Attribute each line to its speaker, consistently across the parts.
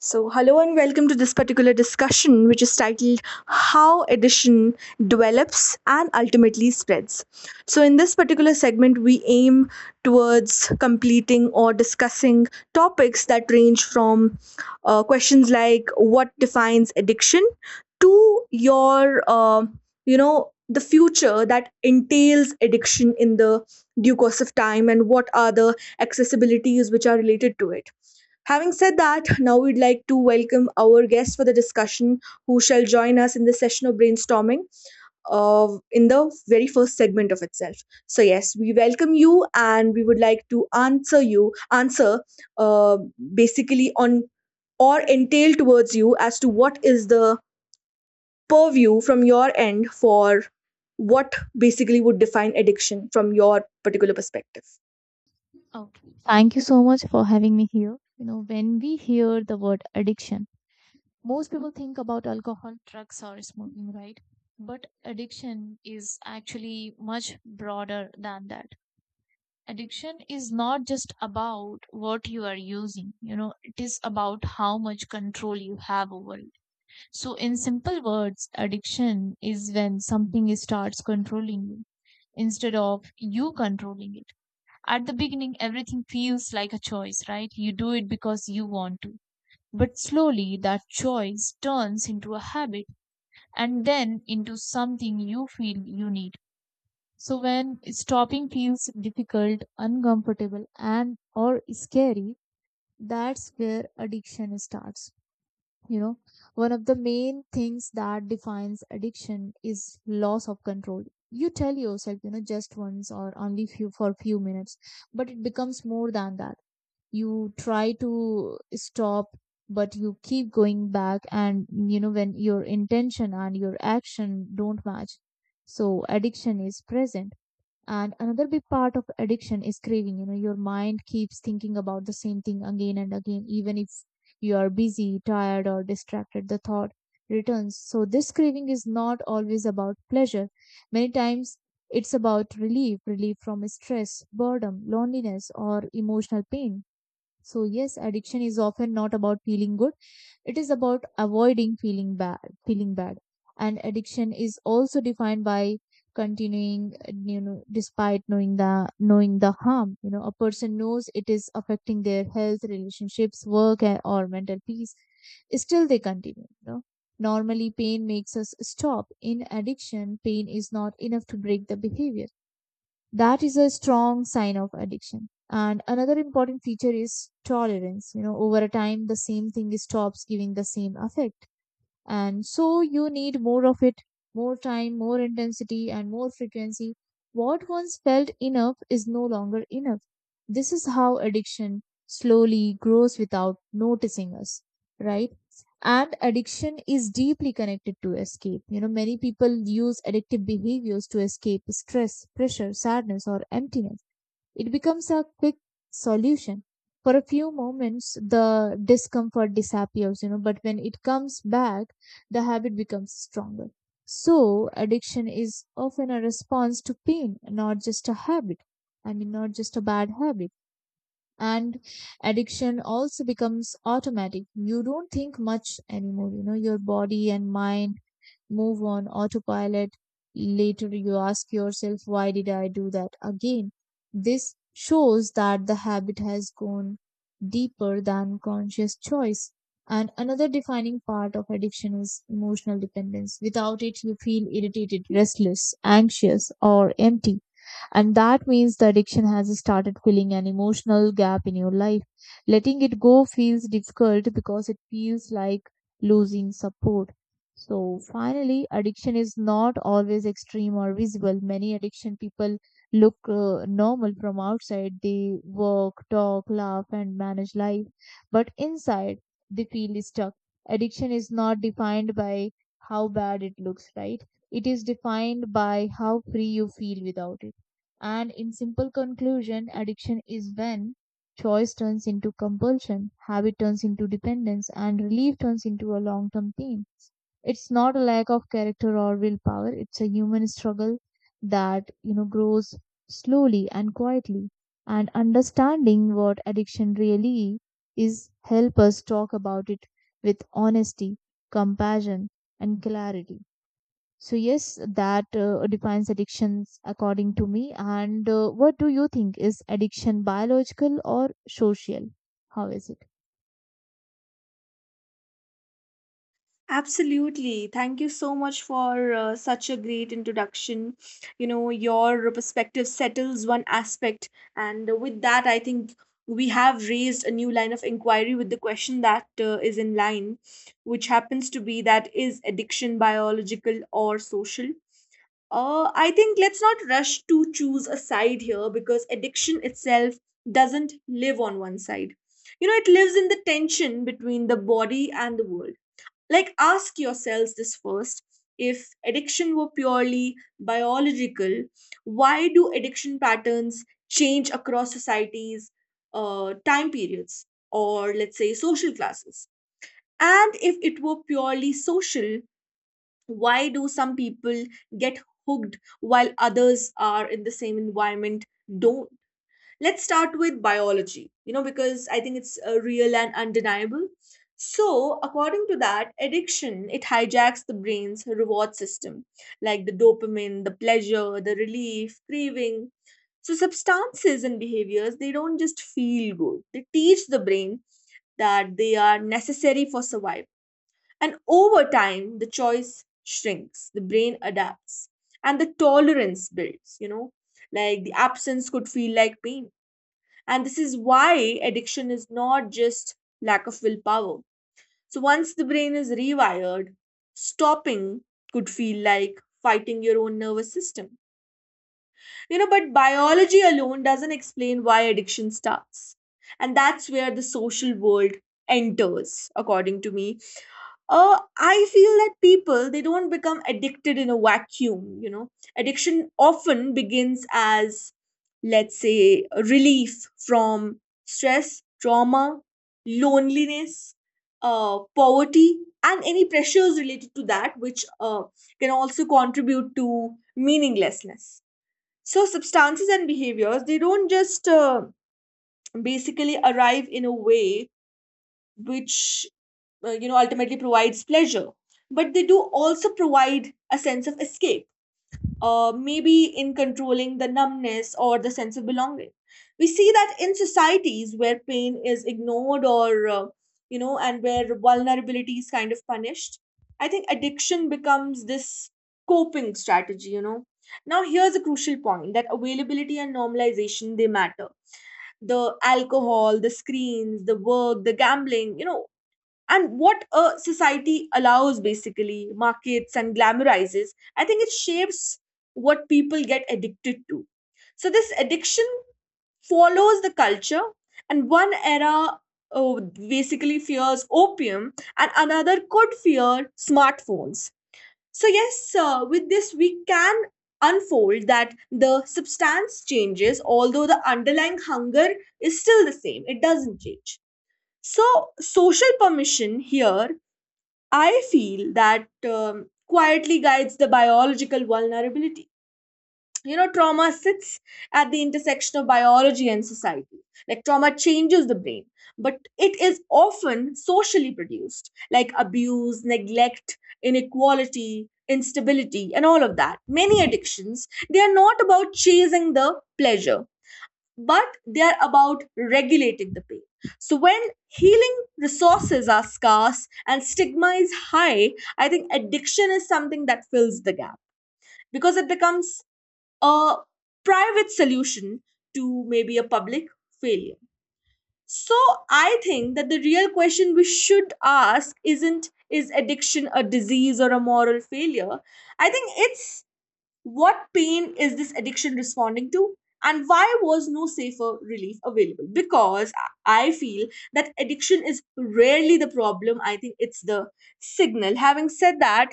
Speaker 1: So, hello and welcome to this particular discussion, which is titled How Addiction Develops and Ultimately Spreads. So, in this particular segment, we aim towards completing or discussing topics that range from questions like what defines addiction to your, the future that entails addiction in the due course of time and what are the accessibilities which are related to it. Having said that, now we'd like to welcome our guest for the discussion who shall join us in the session of brainstorming in the very first segment of itself. So, yes, we welcome you and we would like to answer uh, basically on or entail towards you as to what is the purview from your end for what basically would define addiction from your particular perspective.
Speaker 2: Okay. Thank you so much for having me here. You know, when we hear the word addiction, most people think about alcohol, drugs, or smoking, right? But addiction is actually much broader than that. Addiction is not just about what you are using, you know, it is about how much control you have over it. So, in simple words, addiction is when something starts controlling you instead of you controlling it. At the beginning, everything feels like a choice, right? You do it because you want to. But slowly, that choice turns into a habit and then into something you feel you need. So when stopping feels difficult, uncomfortable, and or scary, that's where addiction starts. You know, one of the main things that defines addiction is loss of control. You tell yourself, you know, just once or only few for few minutes, but it becomes more than that. You try to stop but you keep going back, and you know, when your intention and your action don't match, so addiction is present. And another big part of addiction is craving. You know, your mind keeps thinking about the same thing again and again, even if you are busy, tired, or distracted, the thought returns. So this craving is not always about pleasure. Many times it's about relief, relief from stress, boredom, loneliness, or emotional pain. So, yes, addiction is often not about feeling good. It is about avoiding feeling bad, feeling bad. And addiction is also defined by continuing, you know, despite knowing the harm. You know, a person knows it is affecting their health, relationships, work, or mental peace. Still, they continue. You know, normally pain makes us stop. In addiction, pain is not enough to break the behavior. That is a strong sign of addiction. And another important feature is tolerance. You know, over a time the same thing stops giving the same effect, and so you need more of it, more time, more intensity, and more frequency. What once felt enough is no longer enough. This is how addiction slowly grows without noticing us, right? And addiction is deeply connected to escape. You know, many people use addictive behaviors to escape stress, pressure, sadness, or emptiness. It becomes a quick solution. For a few moments, the discomfort disappears, you know, but when it comes back, the habit becomes stronger. So, addiction is often a response to pain, not just a habit. I mean, not just a bad habit. And addiction also becomes automatic. You don't think much anymore, you know, your body and mind move on autopilot. Later, you ask yourself, why did I do that again? This shows that the habit has gone deeper than conscious choice. And another defining part of addiction is emotional dependence. Without it, you feel irritated, restless, anxious, or empty. And that means the addiction has started filling an emotional gap in your life. Letting it go feels difficult because it feels like losing support. So finally, addiction is not always extreme or visible. Many addiction people look normal from outside. They work, talk, laugh, and manage life. But inside, they feel stuck. Addiction is not defined by how bad it looks, right? It is defined by how free you feel without it. And in simple conclusion, addiction is when choice turns into compulsion, habit turns into dependence, and relief turns into a long term theme. It's not a lack of character or willpower, it's a human struggle that, you know, grows slowly and quietly. And understanding what addiction really is help us talk about it with honesty, compassion, and clarity. So yes, that defines addictions according to me. And what do you think is addiction biological or social? How is it?
Speaker 1: Absolutely. Thank you so much for such a great introduction. You know, your perspective settles one aspect, and with that, I think we have raised a new line of inquiry with the question that is in line, which happens to be that is addiction biological or social? I think let's not rush to choose a side here because addiction itself doesn't live on one side. You know, it lives in the tension between the body and the world. Like, ask yourselves this first. If addiction were purely biological, why do addiction patterns change across societies, time periods, or let's say social classes? And if it were purely social, why do some people get hooked while others are in the same environment don't? Let's start with biology, you know, because I think it's real and undeniable. So, according to that, addiction, it hijacks the brain's reward system, like the dopamine, the pleasure, the relief, craving. So substances and behaviors, they don't just feel good, they teach the brain that they are necessary for survival. And over time the choice shrinks, the brain adapts, and the tolerance builds, you know, like the absence could feel like pain. And this is why addiction is not just lack of willpower. So once the brain is rewired, stopping could feel like fighting your own nervous system. You know, but biology alone doesn't explain why addiction starts. And that's where the social world enters. According to me, I feel that people, they don't become addicted in a vacuum. You know, addiction often begins as, let's say, a relief from stress, trauma, loneliness, poverty, and any pressures related to that, which can also contribute to meaninglessness. So, substances and behaviors, they don't just basically arrive in a way which, you know, ultimately provides pleasure, but they do also provide a sense of escape, maybe in controlling the numbness or the sense of belonging. We see that in societies where pain is ignored or, you know, and where vulnerability is kind of punished, I think addiction becomes this coping strategy. You know, now here's a crucial point that availability and normalization, they matter. The alcohol, the screens, the work, the gambling, you know, and what a society allows, basically markets and glamorizes, I think it shapes what people get addicted to. So this addiction follows the culture, and one era, oh, basically fears opium and another could fear smartphones. So yes, with this we can unfold that the substance changes, although the underlying hunger is still the same, it doesn't change. So social permission here, I feel that quietly guides the biological vulnerability. You know, trauma sits at the intersection of biology and society. Like, trauma changes the brain, but it is often socially produced, like abuse, neglect, inequality, instability, and all of that. Many addictions, they are not about chasing the pleasure but they are about regulating the pain. So when healing resources are scarce and stigma is high, I think addiction is something that fills the gap because it becomes a private solution to maybe a public failure. So I think that the real question we should ask isn't is addiction a disease or a moral failure? I think it's what pain is this addiction responding to, and why was no safer relief available? Because I feel that addiction is rarely the problem, I think it's the signal. Having said that,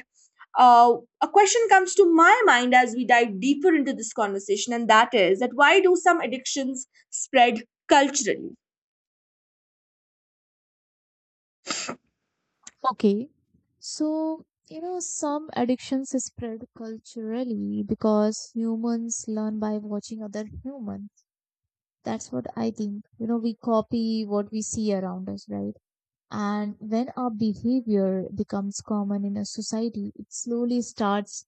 Speaker 1: a question comes to my mind as we dive deeper into this conversation, and that is that why do some addictions spread culturally?
Speaker 2: Okay. So, you know, some addictions spread culturally because humans learn by watching other humans. That's what I think. You know, we copy what we see around us, right? And when our behavior becomes common in a society, it slowly starts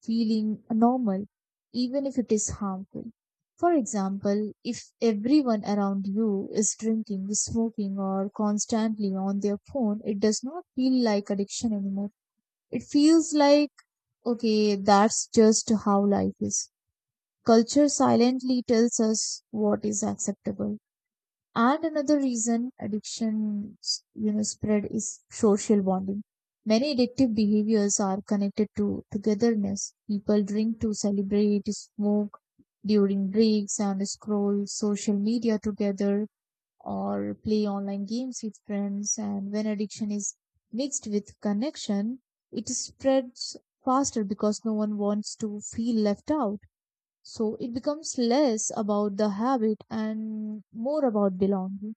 Speaker 2: feeling normal, even if it is harmful. For example, if everyone around you is drinking, smoking, or constantly on their phone, it does not feel like addiction anymore. It feels like, okay, that's just how life is. Culture silently tells us what is acceptable. And another reason addiction, you know, spread is social bonding. Many addictive behaviors are connected to togetherness. People drink to celebrate, smoke during breaks, and scroll social media together or play online games with friends. And when addiction is mixed with connection, it spreads faster because no one wants to feel left out. So it becomes less about the habit and more about belonging.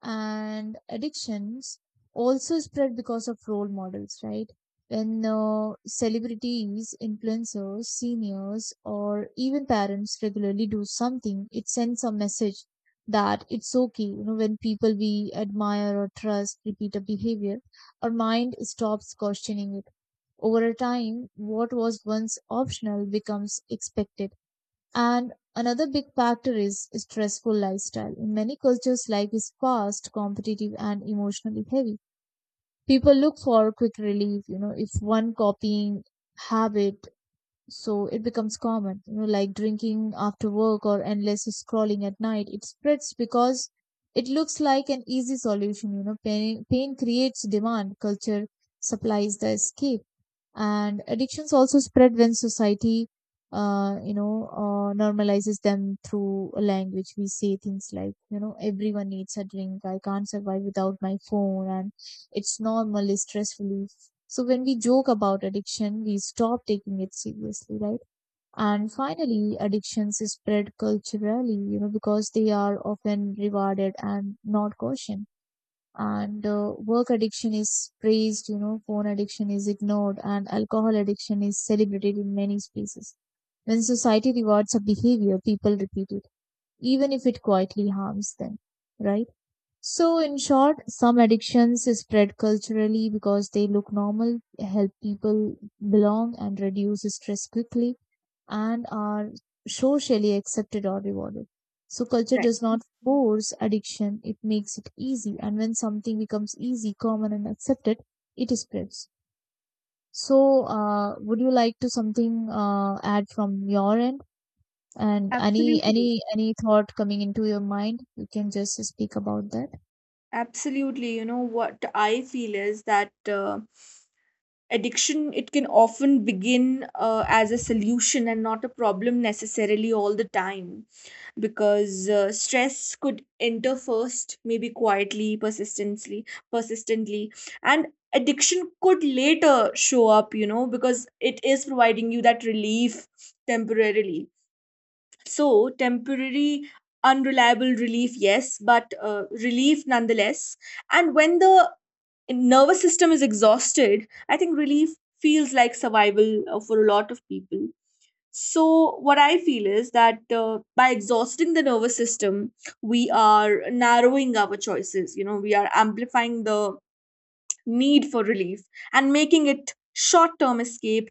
Speaker 2: And addictions also spread because of role models, right? When celebrities, influencers, seniors, or even parents regularly do something, it sends a message that it's okay. You know, when people we admire or trust repeat a behavior, our mind stops questioning it. Over a time, what was once optional becomes expected. And another big factor is stressful lifestyle. In many cultures, life is fast, competitive, and emotionally heavy. People look for quick relief, you know, if one copying habit, so it becomes common, you know, like drinking after work or endless scrolling at night. It spreads because it looks like an easy solution. You know, pain creates demand, culture supplies the escape. And addictions also spread when society you know, normalizes them through language. We say things like, you know, everyone needs a drink, I can't survive without my phone, and it's normal, it's stress relief. So when we joke about addiction, we stop taking it seriously, right? And finally, addictions spread culturally, you know, because they are often rewarded and not cautioned. And work addiction is praised, you know, phone addiction is ignored, and alcohol addiction is celebrated in many spaces. When society rewards a behavior, people repeat it, even if it quietly harms them, right? So in short, some addictions spread culturally because they look normal, help people belong and reduce stress quickly, and are socially accepted or rewarded. So culture
Speaker 1: Right,
Speaker 2: does not force addiction, it makes it easy. And when something becomes easy, common and accepted, it spreads. So would you like to something add from your end? And any
Speaker 1: absolutely.
Speaker 2: any any thought coming into your mind, you can just speak about that.
Speaker 1: Absolutely, you know, what I feel is that, addiction, it can often begin as a solution and not a problem necessarily all the time, because stress could enter first, maybe quietly, persistently, and addiction could later show up, you know, because it is providing you that relief temporarily. So temporary, unreliable relief, yes, but relief nonetheless. And when the nervous system is exhausted, I think relief feels like survival for a lot of people. So what I feel is that, by exhausting the nervous system, we are narrowing our choices, you know, we are amplifying the need for relief and making it short term escape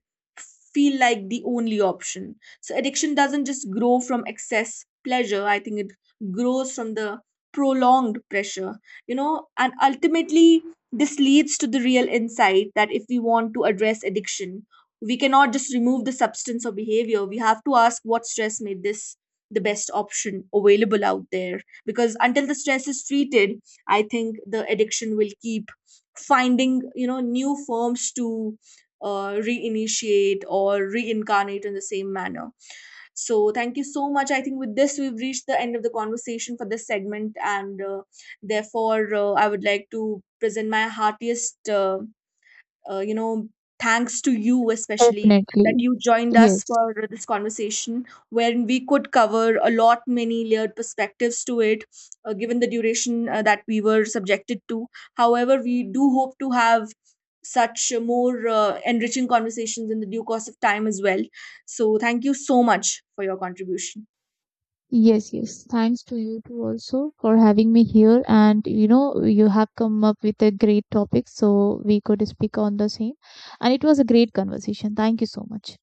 Speaker 1: feel like the only option. So addiction doesn't just grow from excess pleasure, I think it grows from the prolonged pressure, you know, and ultimately this leads to the real insight that if we want to address addiction, we cannot just remove the substance or behavior. We have to ask what stress made this the best option available out there. Because until the stress is treated, I think the addiction will keep finding, you know, new forms to reinitiate or reincarnate in the same manner. So thank you so much, I think with this we've reached the end of the conversation for this segment, and therefore, I would like to present my heartiest uh, you know, thanks to you, especially that
Speaker 2: Definitely.
Speaker 1: you joined us
Speaker 2: Yes.
Speaker 1: for this conversation wherein we could cover a lot many layered perspectives to it, given the duration that we were subjected to. However, we do hope to have such more enriching conversations in the due course of time as well. So thank you so much for your contribution.
Speaker 2: Yes. Thanks to you too also for having me here. And you know, you have come up with a great topic, so we could speak on the same. And it was a great conversation. Thank you so much.